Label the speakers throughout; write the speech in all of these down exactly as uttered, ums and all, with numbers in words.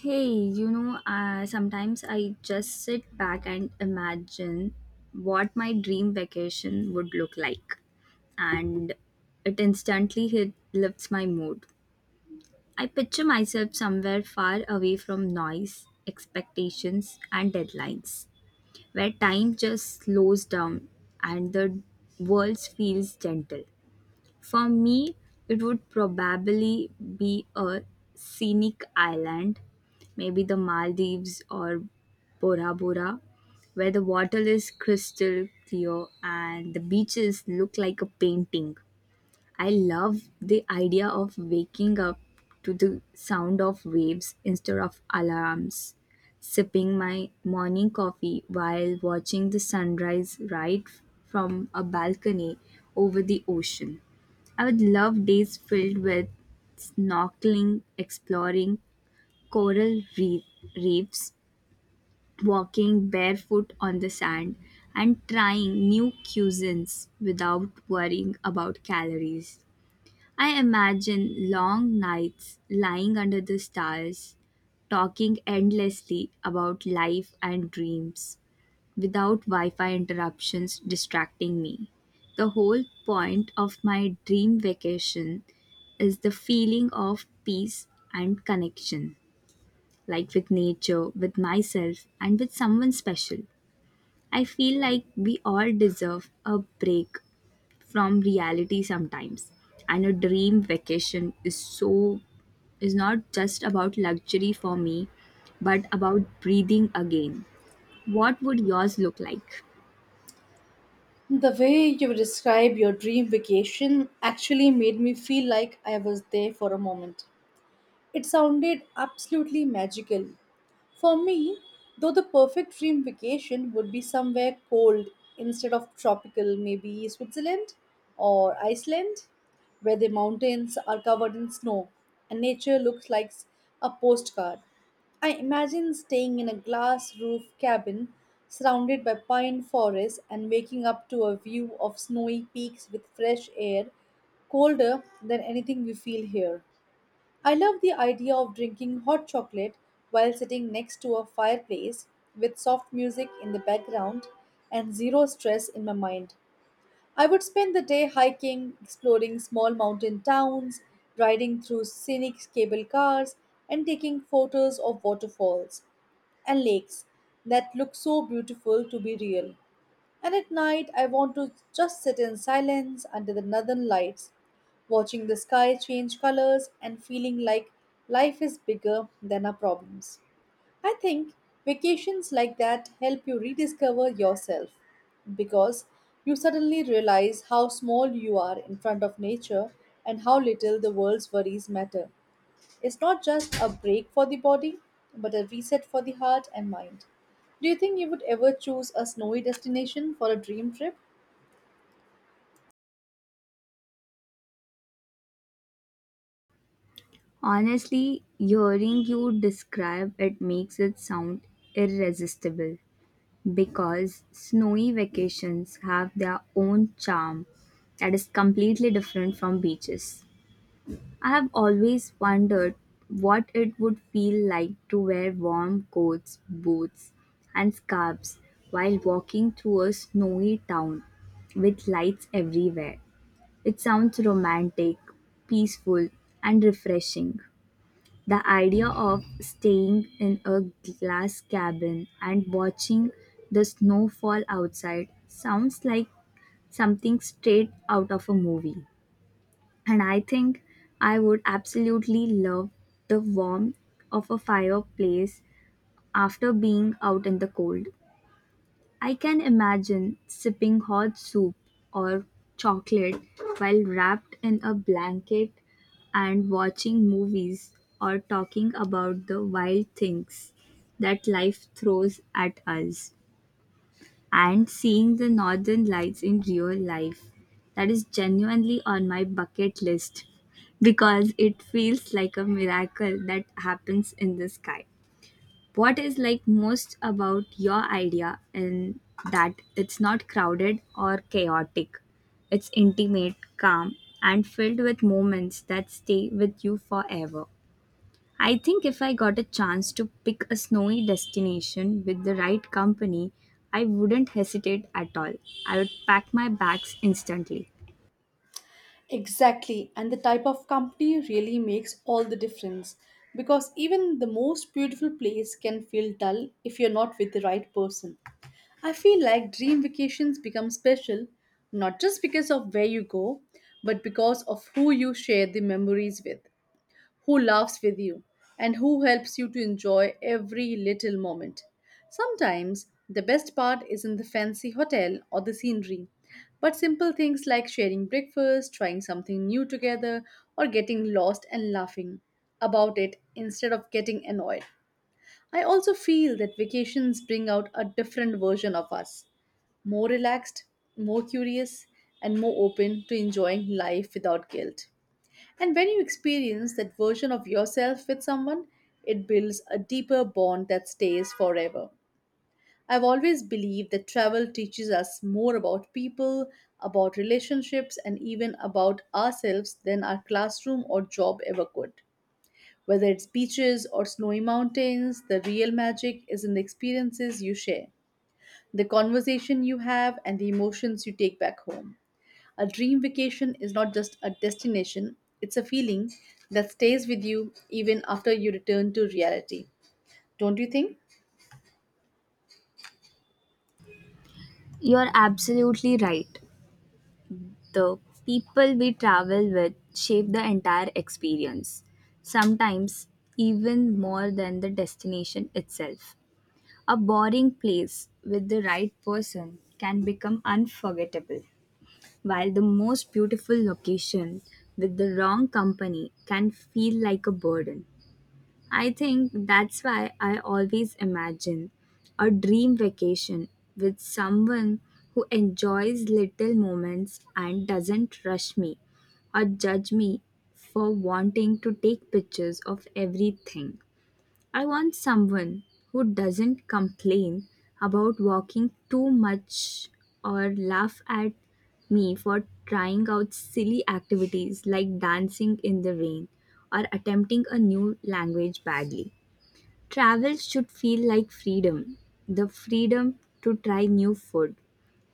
Speaker 1: Hey, you know, uh, sometimes I just sit back and imagine what my dream vacation would look like, and it instantly hit, lifts my mood. I picture myself somewhere far away from noise, expectations, and deadlines, where time just slows down and the world feels gentle. For me, it would probably be a scenic island, maybe the Maldives or Bora Bora, where the water is crystal clear and the beaches look like a painting. I love the idea of waking up to the sound of waves instead of alarms, sipping my morning coffee while watching the sunrise right from a balcony over the ocean. I would love days filled with snorkeling, exploring coral reef, reefs, walking barefoot on the sand, and trying new cuisines without worrying about calories. I imagine long nights lying under the stars, talking endlessly about life and dreams without Wi Fi interruptions distracting me. The whole point of my dream vacation is the feeling of peace and connection, like with nature, with myself, and with someone special. I feel like we all deserve a break from reality sometimes, and a dream vacation is so is not just about luxury for me but about breathing again. What would yours look like?
Speaker 2: The way you describe your dream vacation actually made me feel like I was there for a moment. It sounded absolutely magical. For me, though, the perfect dream vacation would be somewhere cold instead of tropical, maybe Switzerland or Iceland, where the mountains are covered in snow and nature looks like a postcard. I imagine staying in a glass roof cabin surrounded by pine forests and waking up to a view of snowy peaks with fresh air, colder than anything we feel here. I love the idea of drinking hot chocolate while sitting next to a fireplace with soft music in the background and zero stress in my mind. I would spend the day hiking, exploring small mountain towns, riding through scenic cable cars, and taking photos of waterfalls and lakes that look so beautiful to be real. And at night, I want to just sit in silence under the northern lights, watching the sky change colors and feeling like life is bigger than our problems. I think vacations like that help you rediscover yourself because you suddenly realize how small you are in front of nature and how little the world's worries matter. It's not just a break for the body, but a reset for the heart and mind. Do you think you would ever choose a snowy destination for a dream trip?
Speaker 1: Honestly, hearing you describe it makes it sound irresistible, because snowy vacations have their own charm that is completely different from beaches. I have always wondered what it would feel like to wear warm coats, boots, and scarves while walking through a snowy town with lights everywhere. It sounds romantic, peaceful, and refreshing. The idea of staying in a glass cabin and watching the snow fall outside sounds like something straight out of a movie, and I think I would absolutely love the warmth of a fireplace after being out in the cold. I can imagine sipping hot soup or chocolate while wrapped in a blanket and watching movies or talking about the wild things that life throws at us. And seeing the northern lights in real life, that is genuinely on my bucket list, because it feels like a miracle that happens in the sky. What is like most about your idea in that it's not crowded or chaotic, it's intimate, calm, and filled with moments that stay with you forever. I think if I got a chance to pick a snowy destination with the right company, I wouldn't hesitate at all. I would pack my bags instantly.
Speaker 2: Exactly, and the type of company really makes all the difference because even the most beautiful place can feel dull if you're not with the right person. I feel like dream vacations become special not just because of where you go, but because of who you share the memories with, who laughs with you, and who helps you to enjoy every little moment. Sometimes the best part isn't the fancy hotel or the scenery, but simple things like sharing breakfast, trying something new together, or getting lost and laughing about it instead of getting annoyed. I also feel that vacations bring out a different version of us, more relaxed, more curious, and more open to enjoying life without guilt. And when you experience that version of yourself with someone, it builds a deeper bond that stays forever. I've always believed that travel teaches us more about people, about relationships, and even about ourselves than our classroom or job ever could. Whether it's beaches or snowy mountains, the real magic is in the experiences you share, the conversation you have, and the emotions you take back home. A dream vacation is not just a destination, it's a feeling that stays with you even after you return to reality. Don't you think?
Speaker 1: You're absolutely right. The people we travel with shape the entire experience, sometimes even more than the destination itself. A boring place with the right person can become unforgettable, while the most beautiful location with the wrong company can feel like a burden. I think that's why I always imagine a dream vacation with someone who enjoys little moments and doesn't rush me or judge me for wanting to take pictures of everything. I want someone who doesn't complain about walking too much or laugh at me for trying out silly activities like dancing in the rain or attempting a new language badly. Travel should feel like freedom, the freedom to try new food,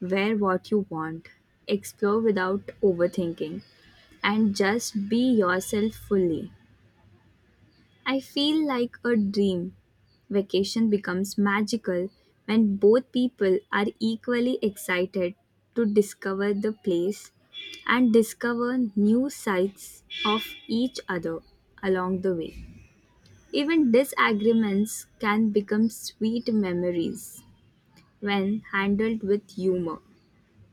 Speaker 1: wear what you want, explore without overthinking, and just be yourself fully. I feel like a dream. Vacation becomes magical when both people are equally excited to discover the place and discover new sides of each other along the way. Even disagreements can become sweet memories when handled with humor,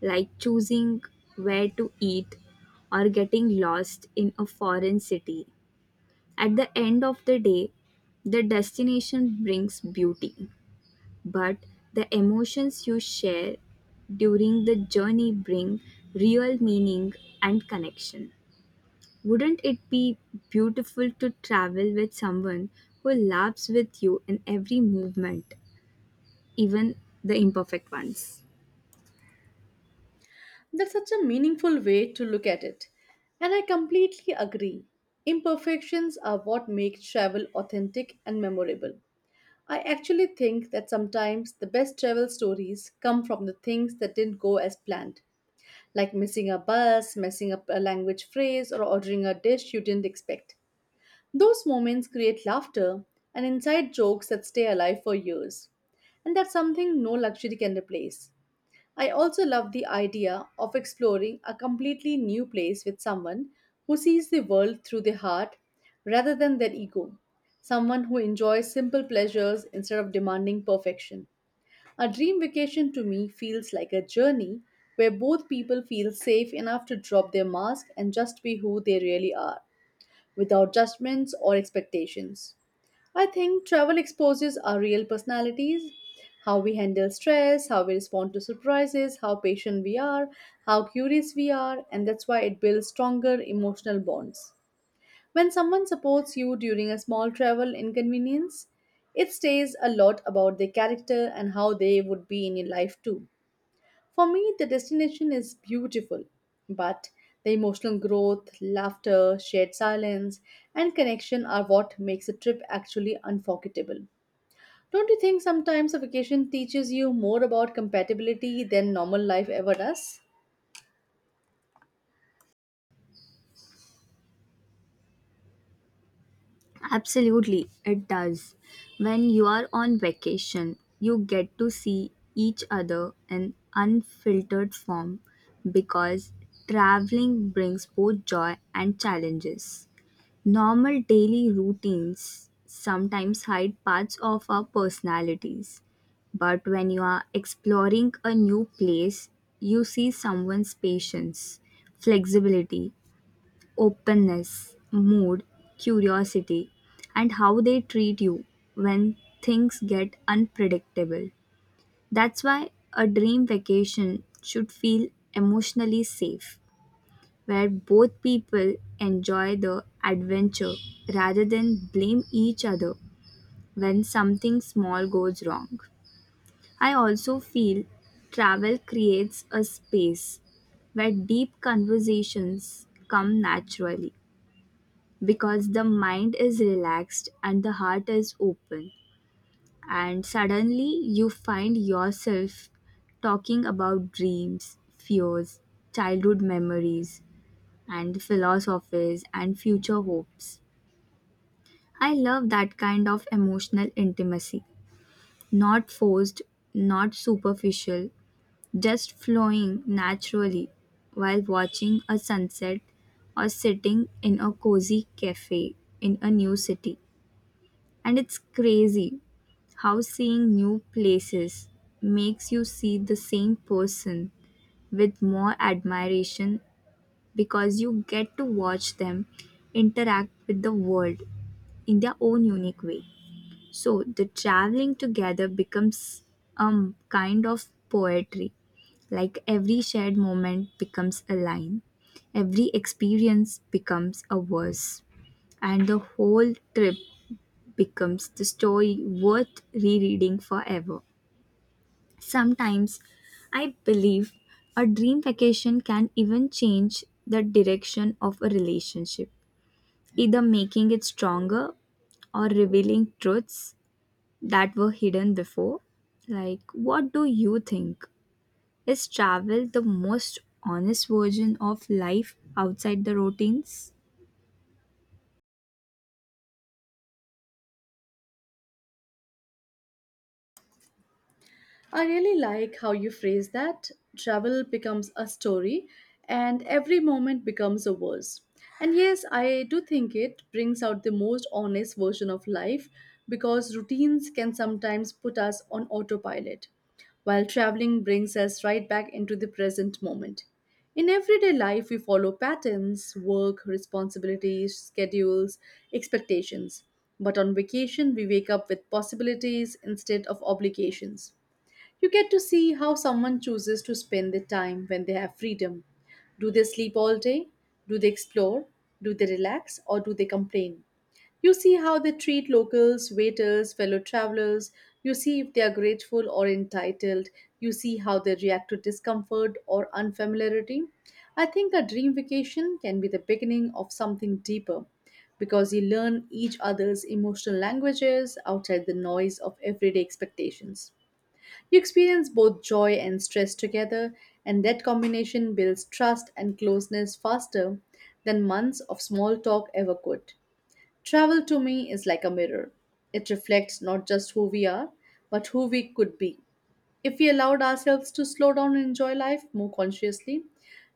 Speaker 1: like choosing where to eat or getting lost in a foreign city. At the end of the day, the destination brings beauty, but the emotions you share during the journey bring real meaning and connection. Wouldn't it be beautiful to travel with someone who laughs with you in every movement, even the imperfect ones?
Speaker 2: That's such a meaningful way to look at it, and I completely agree. Imperfections are what make travel authentic and memorable. I actually think that sometimes the best travel stories come from the things that didn't go as planned, like missing a bus, messing up a language phrase, or ordering a dish you didn't expect. Those moments create laughter and inside jokes that stay alive for years, and that's something no luxury can replace. I also love the idea of exploring a completely new place with someone who sees the world through their heart rather than their ego. Someone who enjoys simple pleasures instead of demanding perfection. A dream vacation to me feels like a journey where both people feel safe enough to drop their mask and just be who they really are without judgments or expectations. I think travel exposes our real personalities, how we handle stress, how we respond to surprises, how patient we are, how curious we are, and that's why it builds stronger emotional bonds. When someone supports you during a small travel inconvenience, it says a lot about their character and how they would be in your life too. For me, the destination is beautiful, but the emotional growth, laughter, shared silence, and connection are what makes a trip actually unforgettable. Don't you think sometimes a vacation teaches you more about compatibility than normal life ever does?
Speaker 1: Absolutely, it does. When you are on vacation, you get to see each other in unfiltered form, because traveling brings both joy and challenges. Normal daily routines sometimes hide parts of our personalities, but when you are exploring a new place, you see someone's patience, flexibility, openness, mood, curiosity, and how they treat you when things get unpredictable. That's why a dream vacation should feel emotionally safe, where both people enjoy the adventure rather than blame each other when something small goes wrong. I also feel travel creates a space where deep conversations come naturally, because the mind is relaxed and the heart is open. And suddenly you find yourself talking about dreams, fears, childhood memories, and philosophies and future hopes. I love that kind of emotional intimacy. Not forced, not superficial, just flowing naturally while watching a sunset or sitting in a cozy cafe in a new city. And it's crazy how seeing new places makes you see the same person with more admiration, because you get to watch them interact with the world in their own unique way. So the traveling together becomes a kind of poetry. Like every shared moment becomes a line, every experience becomes a verse, and the whole trip becomes the story worth rereading forever. Sometimes I believe a dream vacation can even change the direction of a relationship, either making it stronger or revealing truths that were hidden before. Like, what do you think? Is travel the most honest version of life outside the routines?
Speaker 2: I really like how you phrase that. Travel becomes a story, and every moment becomes a verse. And yes, I do think it brings out the most honest version of life because routines can sometimes put us on autopilot, while traveling brings us right back into the present moment. In everyday life, we follow patterns, work, responsibilities, schedules, expectations. But on vacation, we wake up with possibilities instead of obligations. You get to see how someone chooses to spend their time when they have freedom. Do they sleep all day? Do they explore? Do they relax? Or do they complain? You see how they treat locals, waiters, fellow travelers. You see if they are grateful or entitled. You see how they react to discomfort or unfamiliarity. I think a dream vacation can be the beginning of something deeper because you learn each other's emotional languages outside the noise of everyday expectations. You experience both joy and stress together, and that combination builds trust and closeness faster than months of small talk ever could. Travel to me is like a mirror. It reflects not just who we are, but who we could be. If we allowed ourselves to slow down and enjoy life more consciously,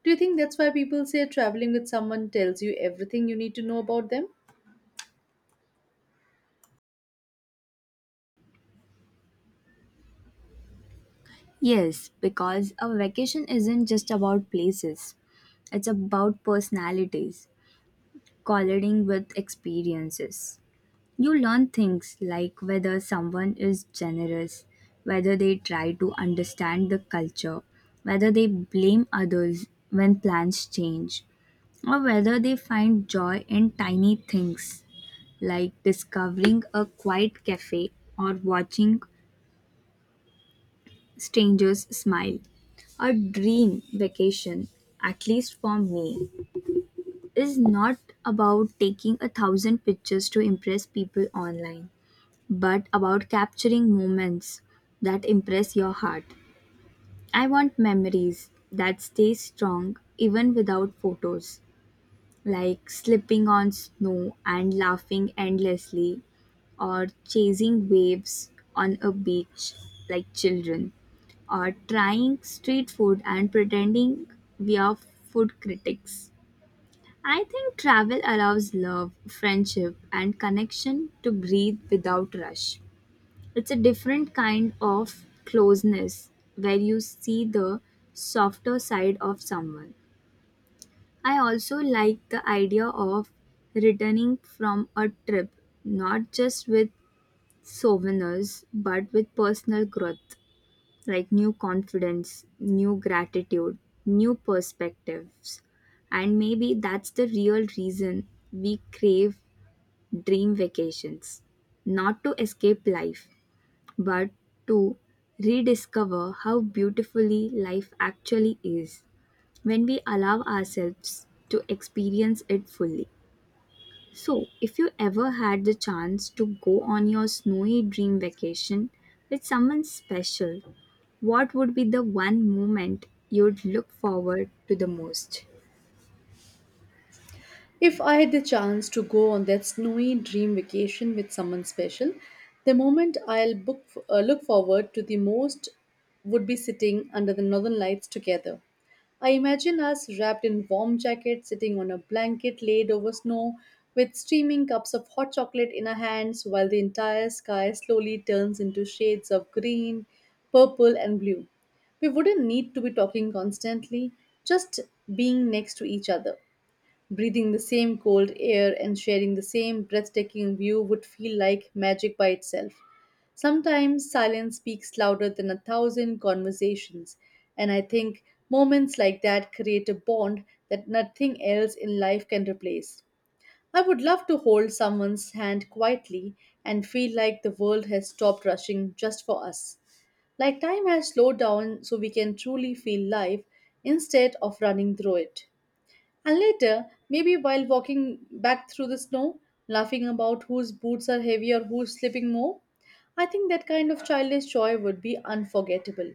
Speaker 2: do you think that's why people say traveling with someone tells you everything you need to know about them?
Speaker 1: Yes, because a vacation isn't just about places, it's about personalities colliding with experiences. You learn things like whether someone is generous, whether they try to understand the culture, whether they blame others when plans change, or whether they find joy in tiny things like discovering a quiet cafe or watching strangers smile. A dream vacation, at least for me, is not about taking a thousand pictures to impress people online, but about capturing moments that impress your heart. I want memories that stay strong even without photos, like slipping on snow and laughing endlessly, or chasing waves on a beach like children, or trying street food and pretending we are food critics. I think travel allows love, friendship, and connection to breathe without rush. It's a different kind of closeness where you see the softer side of someone. I also like the idea of returning from a trip, not just with souvenirs, but with personal growth like new confidence, new gratitude, new perspectives. And maybe that's the real reason we crave dream vacations. Not to escape life, but to rediscover how beautifully life actually is when we allow ourselves to experience it fully. So, if you ever had the chance to go on your snowy dream vacation with someone special, what would be the one moment you'd look forward to the most?
Speaker 2: If I had the chance to go on that snowy dream vacation with someone special, the moment I'll book, uh, look forward to the most would be sitting under the northern lights together. I imagine us wrapped in warm jackets, sitting on a blanket laid over snow, with steaming cups of hot chocolate in our hands, while the entire sky slowly turns into shades of green, purple, and blue. We wouldn't need to be talking constantly, just being next to each other. Breathing the same cold air and sharing the same breathtaking view would feel like magic by itself. Sometimes silence speaks louder than a thousand conversations, and I think moments like that create a bond that nothing else in life can replace. I would love to hold someone's hand quietly and feel like the world has stopped rushing just for us. Like time has slowed down so we can truly feel life instead of running through it. And later, maybe while walking back through the snow, laughing about whose boots are heavy or who's slipping more, I think that kind of childish joy would be unforgettable.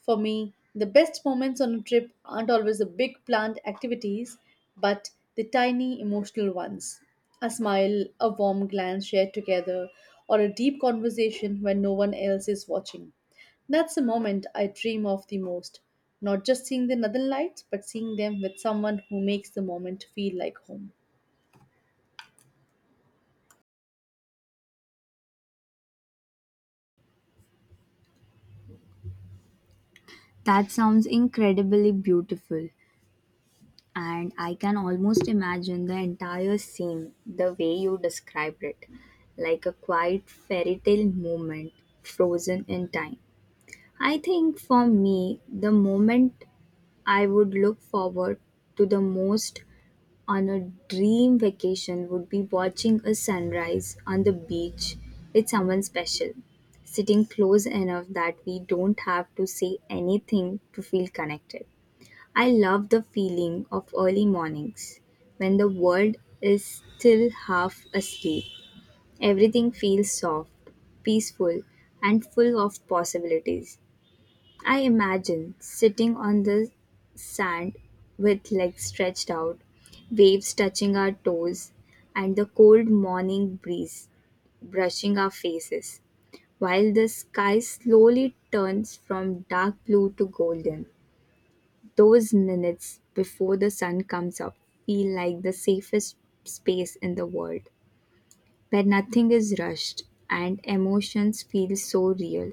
Speaker 2: For me, the best moments on a trip aren't always the big planned activities, but the tiny emotional ones. A smile, a warm glance shared together, or a deep conversation when no one else is watching. That's the moment I dream of the most. Not just seeing the northern lights, but seeing them with someone who makes the moment feel like home.
Speaker 1: That sounds incredibly beautiful, and I can almost imagine the entire scene the way you described it, like a quiet fairy tale moment frozen in time. I think for me, the moment I would look forward to the most on a dream vacation would be watching a sunrise on the beach with someone special, sitting close enough that we don't have to say anything to feel connected. I love the feeling of early mornings when the world is still half asleep. Everything feels soft, peaceful, and full of possibilities. I imagine sitting on the sand with legs stretched out, waves touching our toes, and the cold morning breeze brushing our faces, while the sky slowly turns from dark blue to golden. Those minutes before the sun comes up feel like the safest space in the world, where nothing is rushed and emotions feel so real.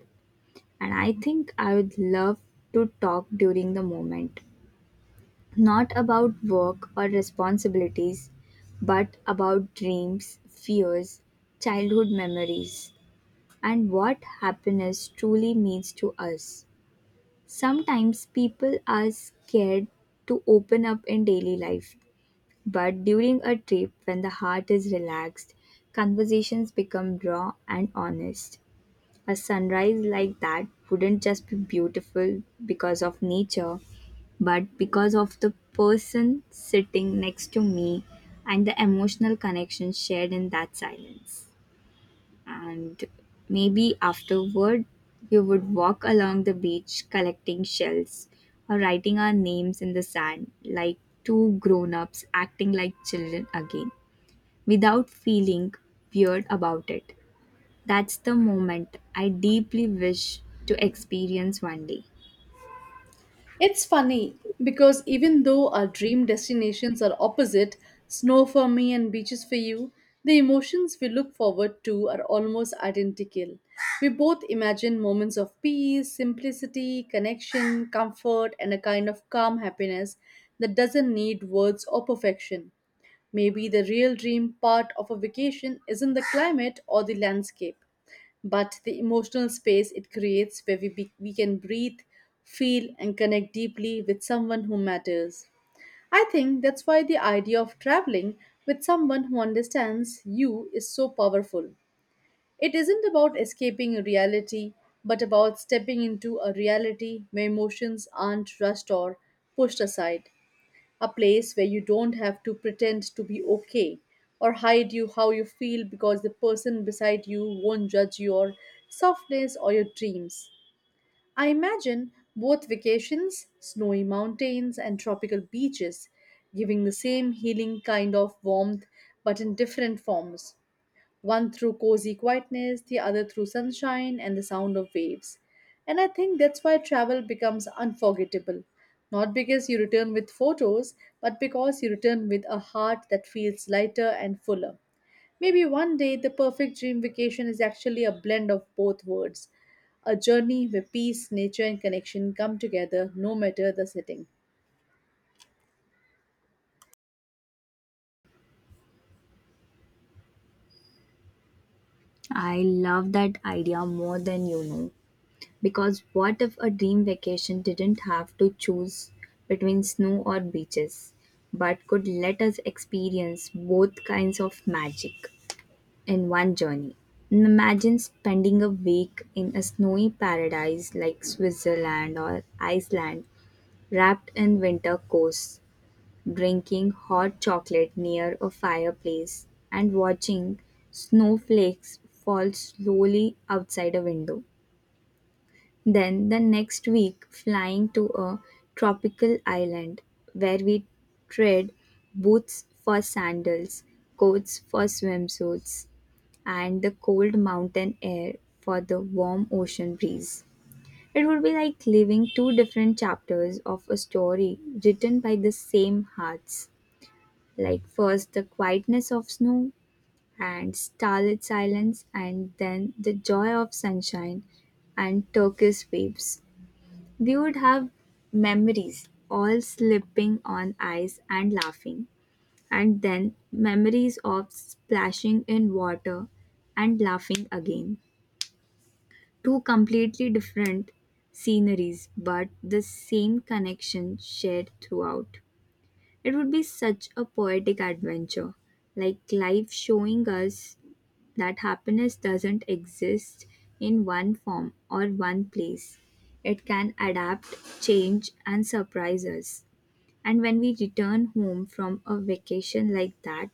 Speaker 1: And I think I would love to talk during the moment, not about work or responsibilities, but about dreams, fears, childhood memories, and what happiness truly means to us. Sometimes people are scared to open up in daily life, but during a trip, when the heart is relaxed, conversations become raw and honest. A sunrise like that wouldn't just be beautiful because of nature, but because of the person sitting next to me and the emotional connection shared in that silence. And maybe afterward, we would walk along the beach collecting shells or writing our names in the sand like two grown ups acting like children again without feeling weird about it. That's the moment I deeply wish to experience one day.
Speaker 2: It's funny because even though our dream destinations are opposite, snow for me and beaches for you, the emotions we look forward to are almost identical. We both imagine moments of peace, simplicity, connection, comfort, and a kind of calm happiness that doesn't need words or perfection. Maybe the real dream part of a vacation isn't the climate or the landscape, but the emotional space it creates where we, be, we can breathe, feel, and connect deeply with someone who matters. I think that's why the idea of traveling with someone who understands you is so powerful. It isn't about escaping reality, but about stepping into a reality where emotions aren't rushed or pushed aside, a place where you don't have to pretend to be okay or hide you how you feel because the person beside you won't judge your softness or your dreams. I imagine both vacations, snowy mountains and tropical beaches, giving the same healing kind of warmth but in different forms, one through cozy quietness, the other through sunshine and the sound of waves. And I think that's why travel becomes unforgettable. Not because you return with photos, but because you return with a heart that feels lighter and fuller. Maybe one day the perfect dream vacation is actually a blend of both worlds, a journey where peace, nature, and connection come together no matter the setting.
Speaker 1: I love that idea more than you know. Because what if a dream vacation didn't have to choose between snow or beaches, but could let us experience both kinds of magic in one journey? Imagine spending a week in a snowy paradise like Switzerland or Iceland, wrapped in winter coats, drinking hot chocolate near a fireplace, and watching snowflakes fall slowly outside a window. Then the next week, flying to a tropical island where we trade boots for sandals, coats for swimsuits, and the cold mountain air for the warm ocean breeze. It would be like living two different chapters of a story written by the same hearts. Like first the quietness of snow and starlit silence, and then the joy of sunshine and turquoise waves. We would have memories all slipping on ice and laughing and then memories of splashing in water and laughing again. Two completely different sceneries but the same connection shared throughout. It would be such a poetic adventure, like life showing us that happiness doesn't exist in one form or one place. It can adapt, change, and surprise us. And when we return home from a vacation like that,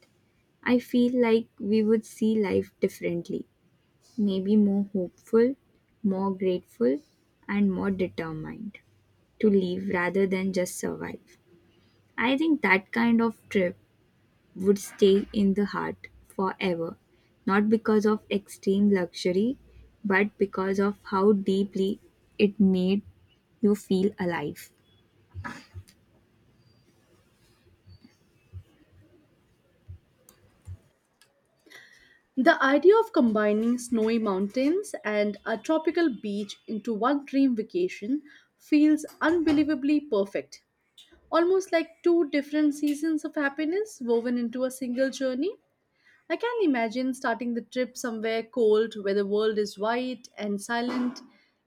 Speaker 1: I feel like we would see life differently, maybe more hopeful, more grateful, and more determined to live rather than just survive. I think that kind of trip would stay in the heart forever, not because of extreme luxury, but because of how deeply it made you feel alive.
Speaker 2: The idea of combining snowy mountains and a tropical beach into one dream vacation feels unbelievably perfect. Almost like two different seasons of happiness woven into a single journey. I can imagine starting the trip somewhere cold where the world is white and silent,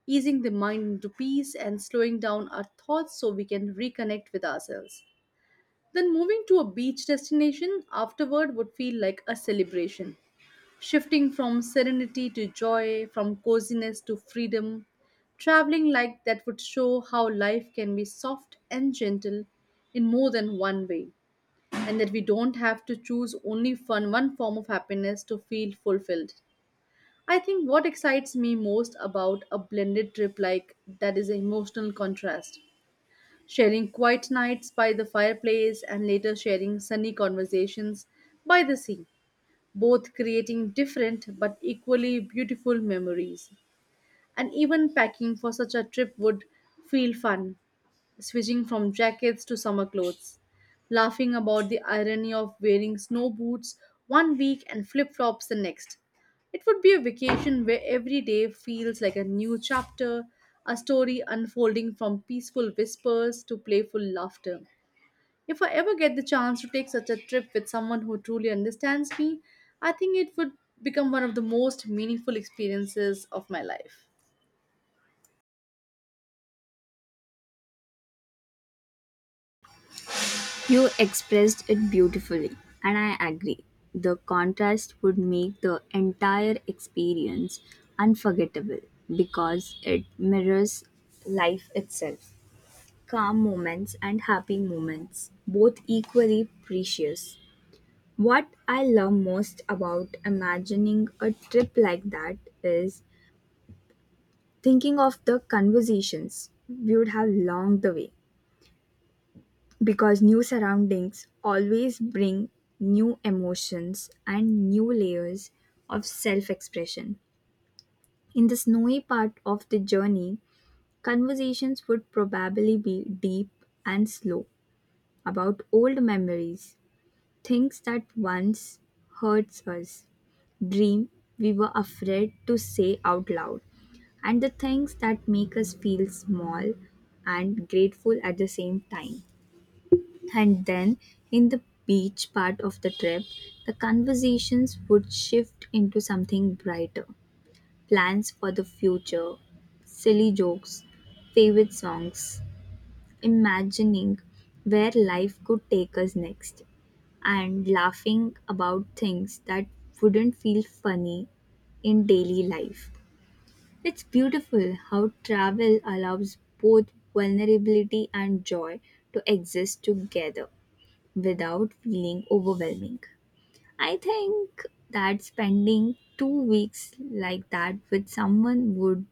Speaker 2: easing the mind into peace and slowing down our thoughts so we can reconnect with ourselves. Then moving to a beach destination afterward would feel like a celebration, shifting from serenity to joy, from coziness to freedom. Traveling like that would show how life can be soft and gentle in more than one way, and that we don't have to choose only fun one form of happiness to feel fulfilled. I think what excites me most about a blended trip like that is emotional contrast. Sharing quiet nights by the fireplace and later sharing sunny conversations by the sea both creating different but equally beautiful memories. And even packing for such a trip would feel fun, switching from jackets to summer clothes, laughing about the irony of wearing snow boots one week and flip flops the next. It would be a vacation where every day feels like a new chapter, a story unfolding from peaceful whispers to playful laughter. If I ever get the chance to take such a trip with someone who truly understands me, I think it would become one of the most meaningful experiences of my life.
Speaker 1: You expressed it beautifully, and I agree. The contrast would make the entire experience unforgettable because it mirrors life itself. Calm moments and happy moments, both equally precious. What I love most about imagining a trip like that is thinking of the conversations we would have along the way, because new surroundings always bring new emotions and new layers of self expression. In the snowy part of the journey, conversations would probably be deep and slow about old memories, things that once hurts us dream we were afraid to say out loud, and the things that make us feel small and grateful at the same time. And then, in the beach part of the trip, the conversations would shift into something brighter: plans for the future, silly jokes, favorite songs, imagining where life could take us next and laughing about things that wouldn't feel funny in daily life. It's beautiful how travel allows both vulnerability and joy to exist together without feeling overwhelming. I think that spending two weeks like that with someone would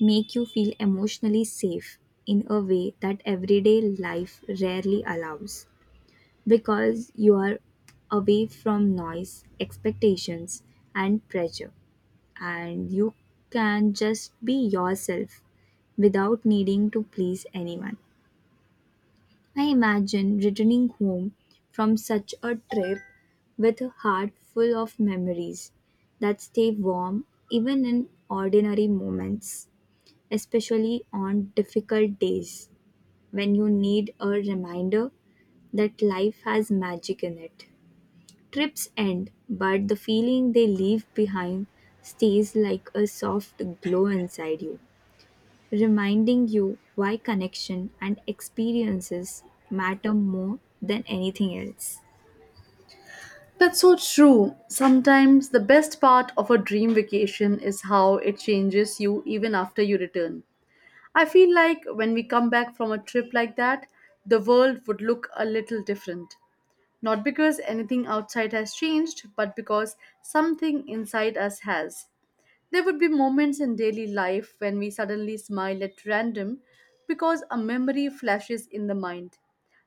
Speaker 1: make you feel emotionally safe in a way that everyday life rarely allows. Because you are away from noise, expectations, and pressure, and you can just be yourself without needing to please anyone. I imagine returning home from such a trip with a heart full of memories that stay warm even in ordinary moments, especially on difficult days when you need a reminder that life has magic in it. Trips end, but the feeling they leave behind stays like a soft glow inside you, reminding you why connection and experiences matter more than anything else.
Speaker 2: That's so true. Sometimes the best part of a dream vacation is how it changes you even after you return. I feel like when we come back from a trip like that, the world would look a little different. Not because anything outside has changed, but because something inside us has. There would be moments in daily life when we suddenly smile at random because a memory flashes in the mind,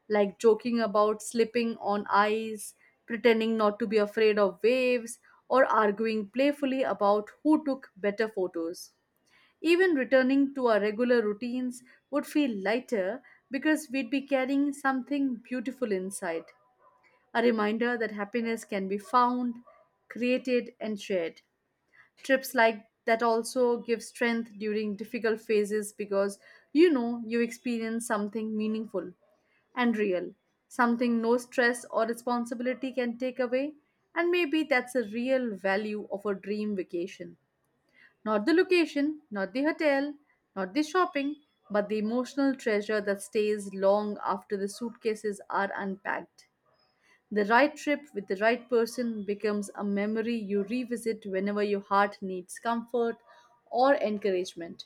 Speaker 2: like joking about slipping on ice, pretending not to be afraid of waves, or arguing playfully about who took better photos. Even returning to our regular routines would feel lighter because we'd be carrying something beautiful inside, a reminder that happiness can be found, created, and shared. Trips like that also give strength during difficult phases because you know you experience something meaningful and real, something no stress or responsibility can take away. And maybe that's the real value of a dream vacation, not the location, not the hotel, not the shopping, but the emotional treasure that stays long after the suitcases are unpacked. The right trip with the right person becomes a memory you revisit whenever your heart needs comfort or encouragement.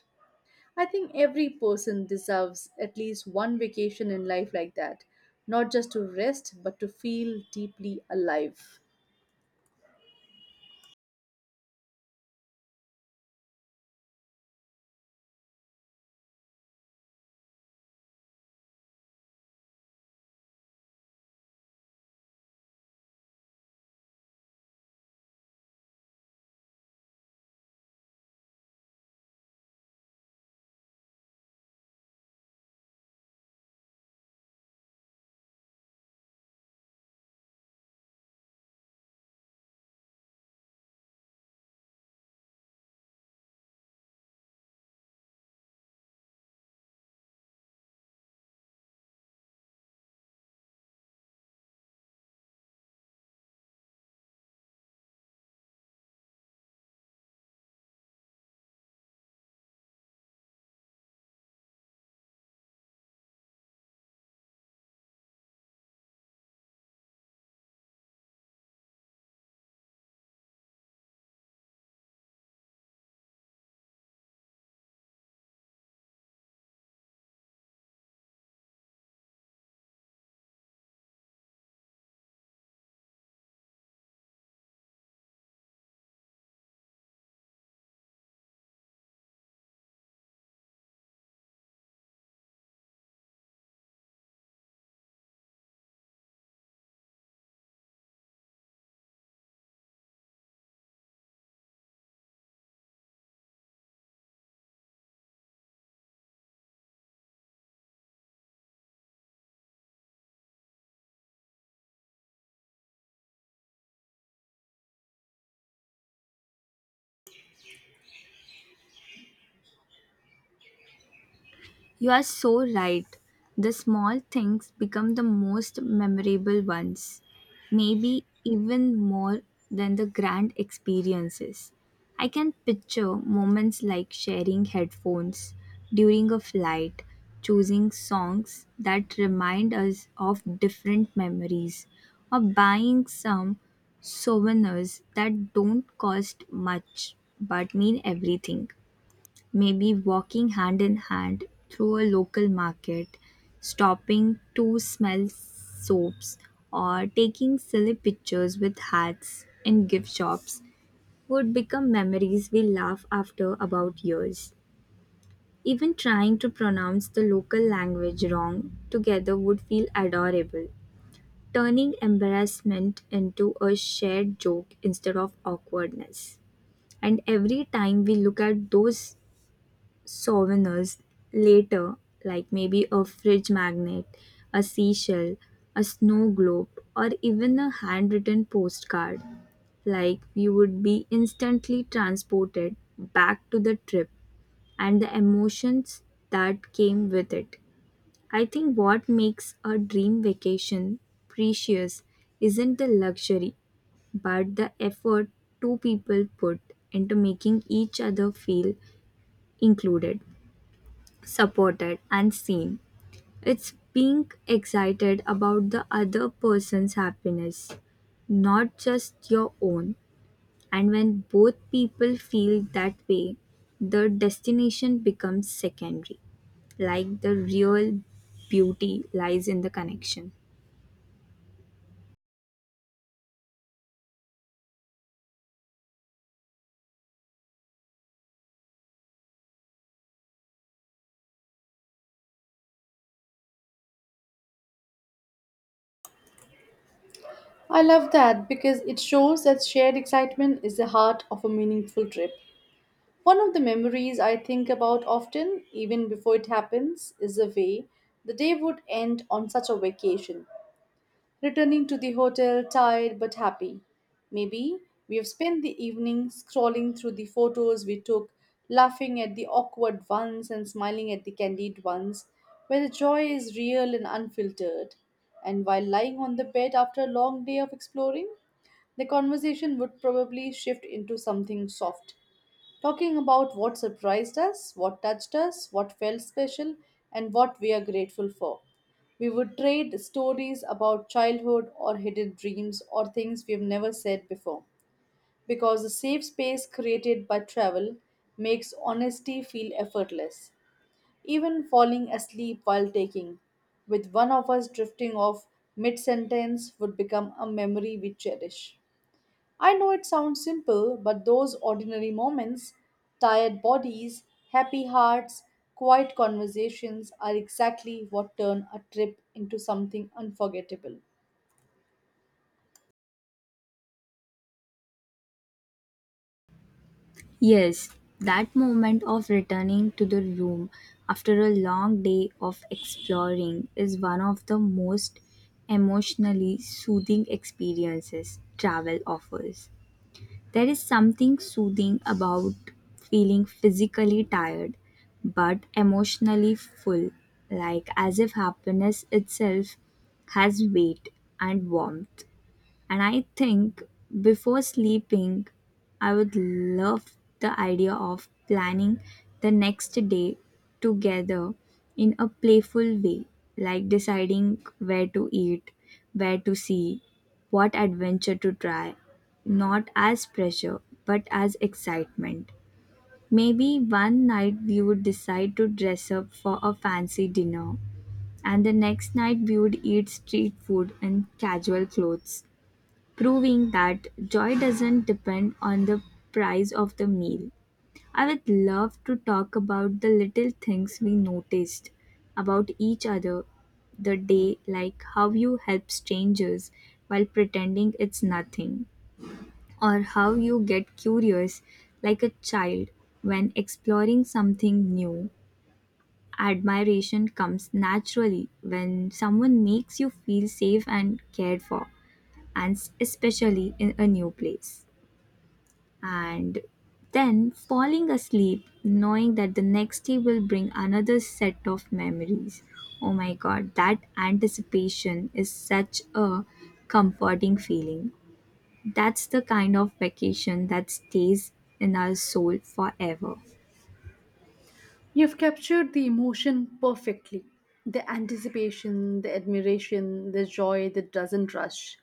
Speaker 2: I think every person deserves at least one vacation in life like that, not just to rest, but to feel deeply alive.
Speaker 1: You are so right. The small things become the most memorable ones, maybe even more than the grand experiences. I can picture moments like sharing headphones during a flight, choosing songs that remind us of different memories, or buying some souvenirs that don't cost much but mean everything. Maybe walking hand in hand through a local market, stopping to smell soaps, or taking silly pictures with hats in gift shops would become memories we laugh after about years. Even trying to pronounce the local language wrong together would feel adorable, turning embarrassment into a shared joke instead of awkwardness. And every time we look at those souvenirs later, like maybe a fridge magnet, a seashell, a snow globe, or even a handwritten postcard, like you would be instantly transported back to the trip and the emotions that came with it. I think what makes a dream vacation precious isn't the luxury, but the effort two people put into making each other feel included, supported, and seen. It's being excited about the other person's happiness, not just your own. And when both people feel that way, the destination becomes secondary. Like the real beauty lies in the connection.
Speaker 2: I love that because it shows that shared excitement is the heart of a meaningful trip. One of the memories I think about often, even before it happens, is the way the day would end on such a vacation. Returning to the hotel, tired but happy. Maybe we have spent the evening scrolling through the photos we took, laughing at the awkward ones and smiling at the candid ones, where the joy is real and unfiltered. And while lying on the bed after a long day of exploring, the conversation would probably shift into something soft, talking about what surprised us, what touched us, what felt special, and what we are grateful for. We would trade stories about childhood or hidden dreams or things we've never said before. Because the safe space created by travel makes honesty feel effortless. Even falling asleep while taking, with one of us drifting off mid sentence, would become a memory we cherish. I know it sounds simple, but those ordinary moments, tired bodies, happy hearts, quiet conversations are exactly what turn a trip into something unforgettable.
Speaker 1: Yes, that moment of returning to the room after a long day of exploring is one of the most emotionally soothing experiences travel offers. There is something soothing about feeling physically tired but emotionally full, like as if happiness itself has weight and warmth. And I think before sleeping, I would love the idea of planning the next day together in a playful way, like deciding where to eat, where to see, what adventure to try, not as pressure but as excitement. Maybe one night we would decide to dress up for a fancy dinner, and the next night we would eat street food and casual clothes, proving that joy doesn't depend on the price of the meal. I would love to talk about the little things we noticed about each other the day, like how you help strangers while pretending it's nothing, or how you get curious like a child when exploring something new. Admiration comes naturally when someone makes you feel safe and cared for, and especially in a new place. And then falling asleep knowing that the next day will bring another set of memories. Oh my god, that anticipation is such a comforting feeling. That's the kind of vacation that stays in our soul forever.
Speaker 2: You've captured the emotion perfectly, the anticipation, the admiration, the joy that doesn't rush.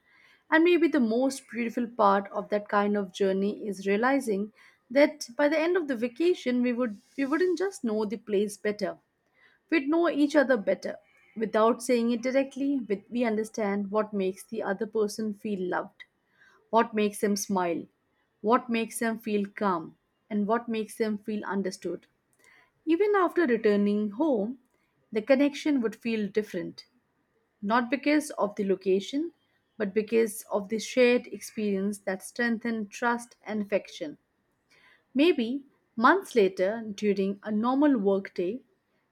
Speaker 2: And maybe the most beautiful part of that kind of journey is realizing that by the end of the vacation we would we wouldn't just know the place better. We'd know each other better. Without saying it directly, we we understand what makes the other person feel loved, what makes them smile, what makes them feel calm, and what makes them feel understood. Even after returning home, the connection would feel different, not because of the location, but because of the shared experience that strengthened trust and affection. Maybe months later, during a normal workday,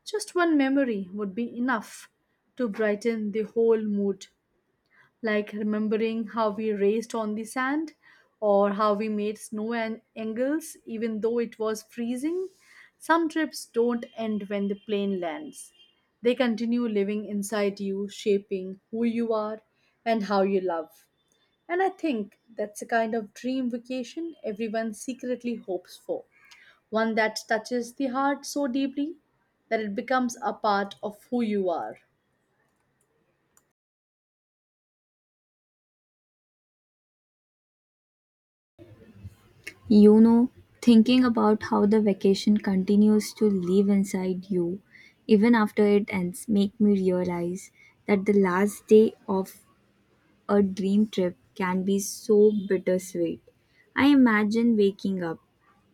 Speaker 2: just one memory would be enough to brighten the whole mood, like remembering how we raced on the sand or how we made snow and angles even though it was freezing. Some trips don't end when the plane lands. They continue living inside you, shaping who you are and how you love. And I think that's the kind of dream vacation everyone secretly hopes for, one that touches the heart so deeply that it becomes a part of who you are.
Speaker 1: You know, thinking about how the vacation continues to live inside you even after it ends make me realize that the last day of a dream trip can be so bittersweet. I imagine waking up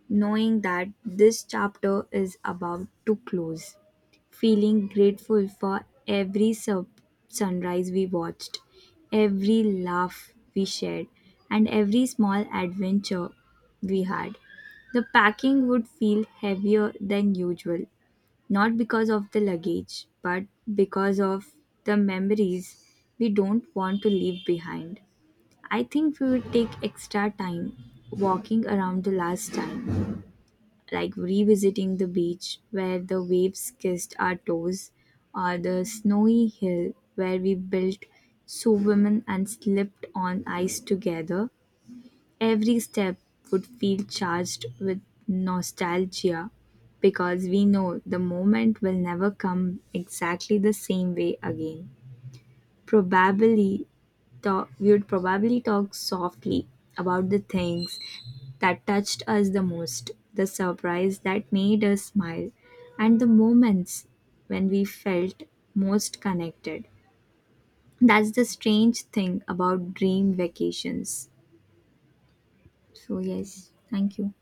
Speaker 1: knowing that this chapter is about to close, feeling grateful for every sur- sunrise we watched, every laugh we shared, and every small adventure we had. The packing would feel heavier than usual, not because of the luggage, but because of the memories we don't want to leave behind. I think we would take extra time walking around the last time, like revisiting the beach where the waves kissed our toes, or the snowy hill where we built so women and slipped on ice together. Every step would feel charged with nostalgia because we know the moment will never come exactly the same way again. Probably talk, we would probably talk softly about the things that touched us the most, the surprise that made us smile, and the moments when we felt most connected. That's the strange thing about dream vacations. So, yes, thank you.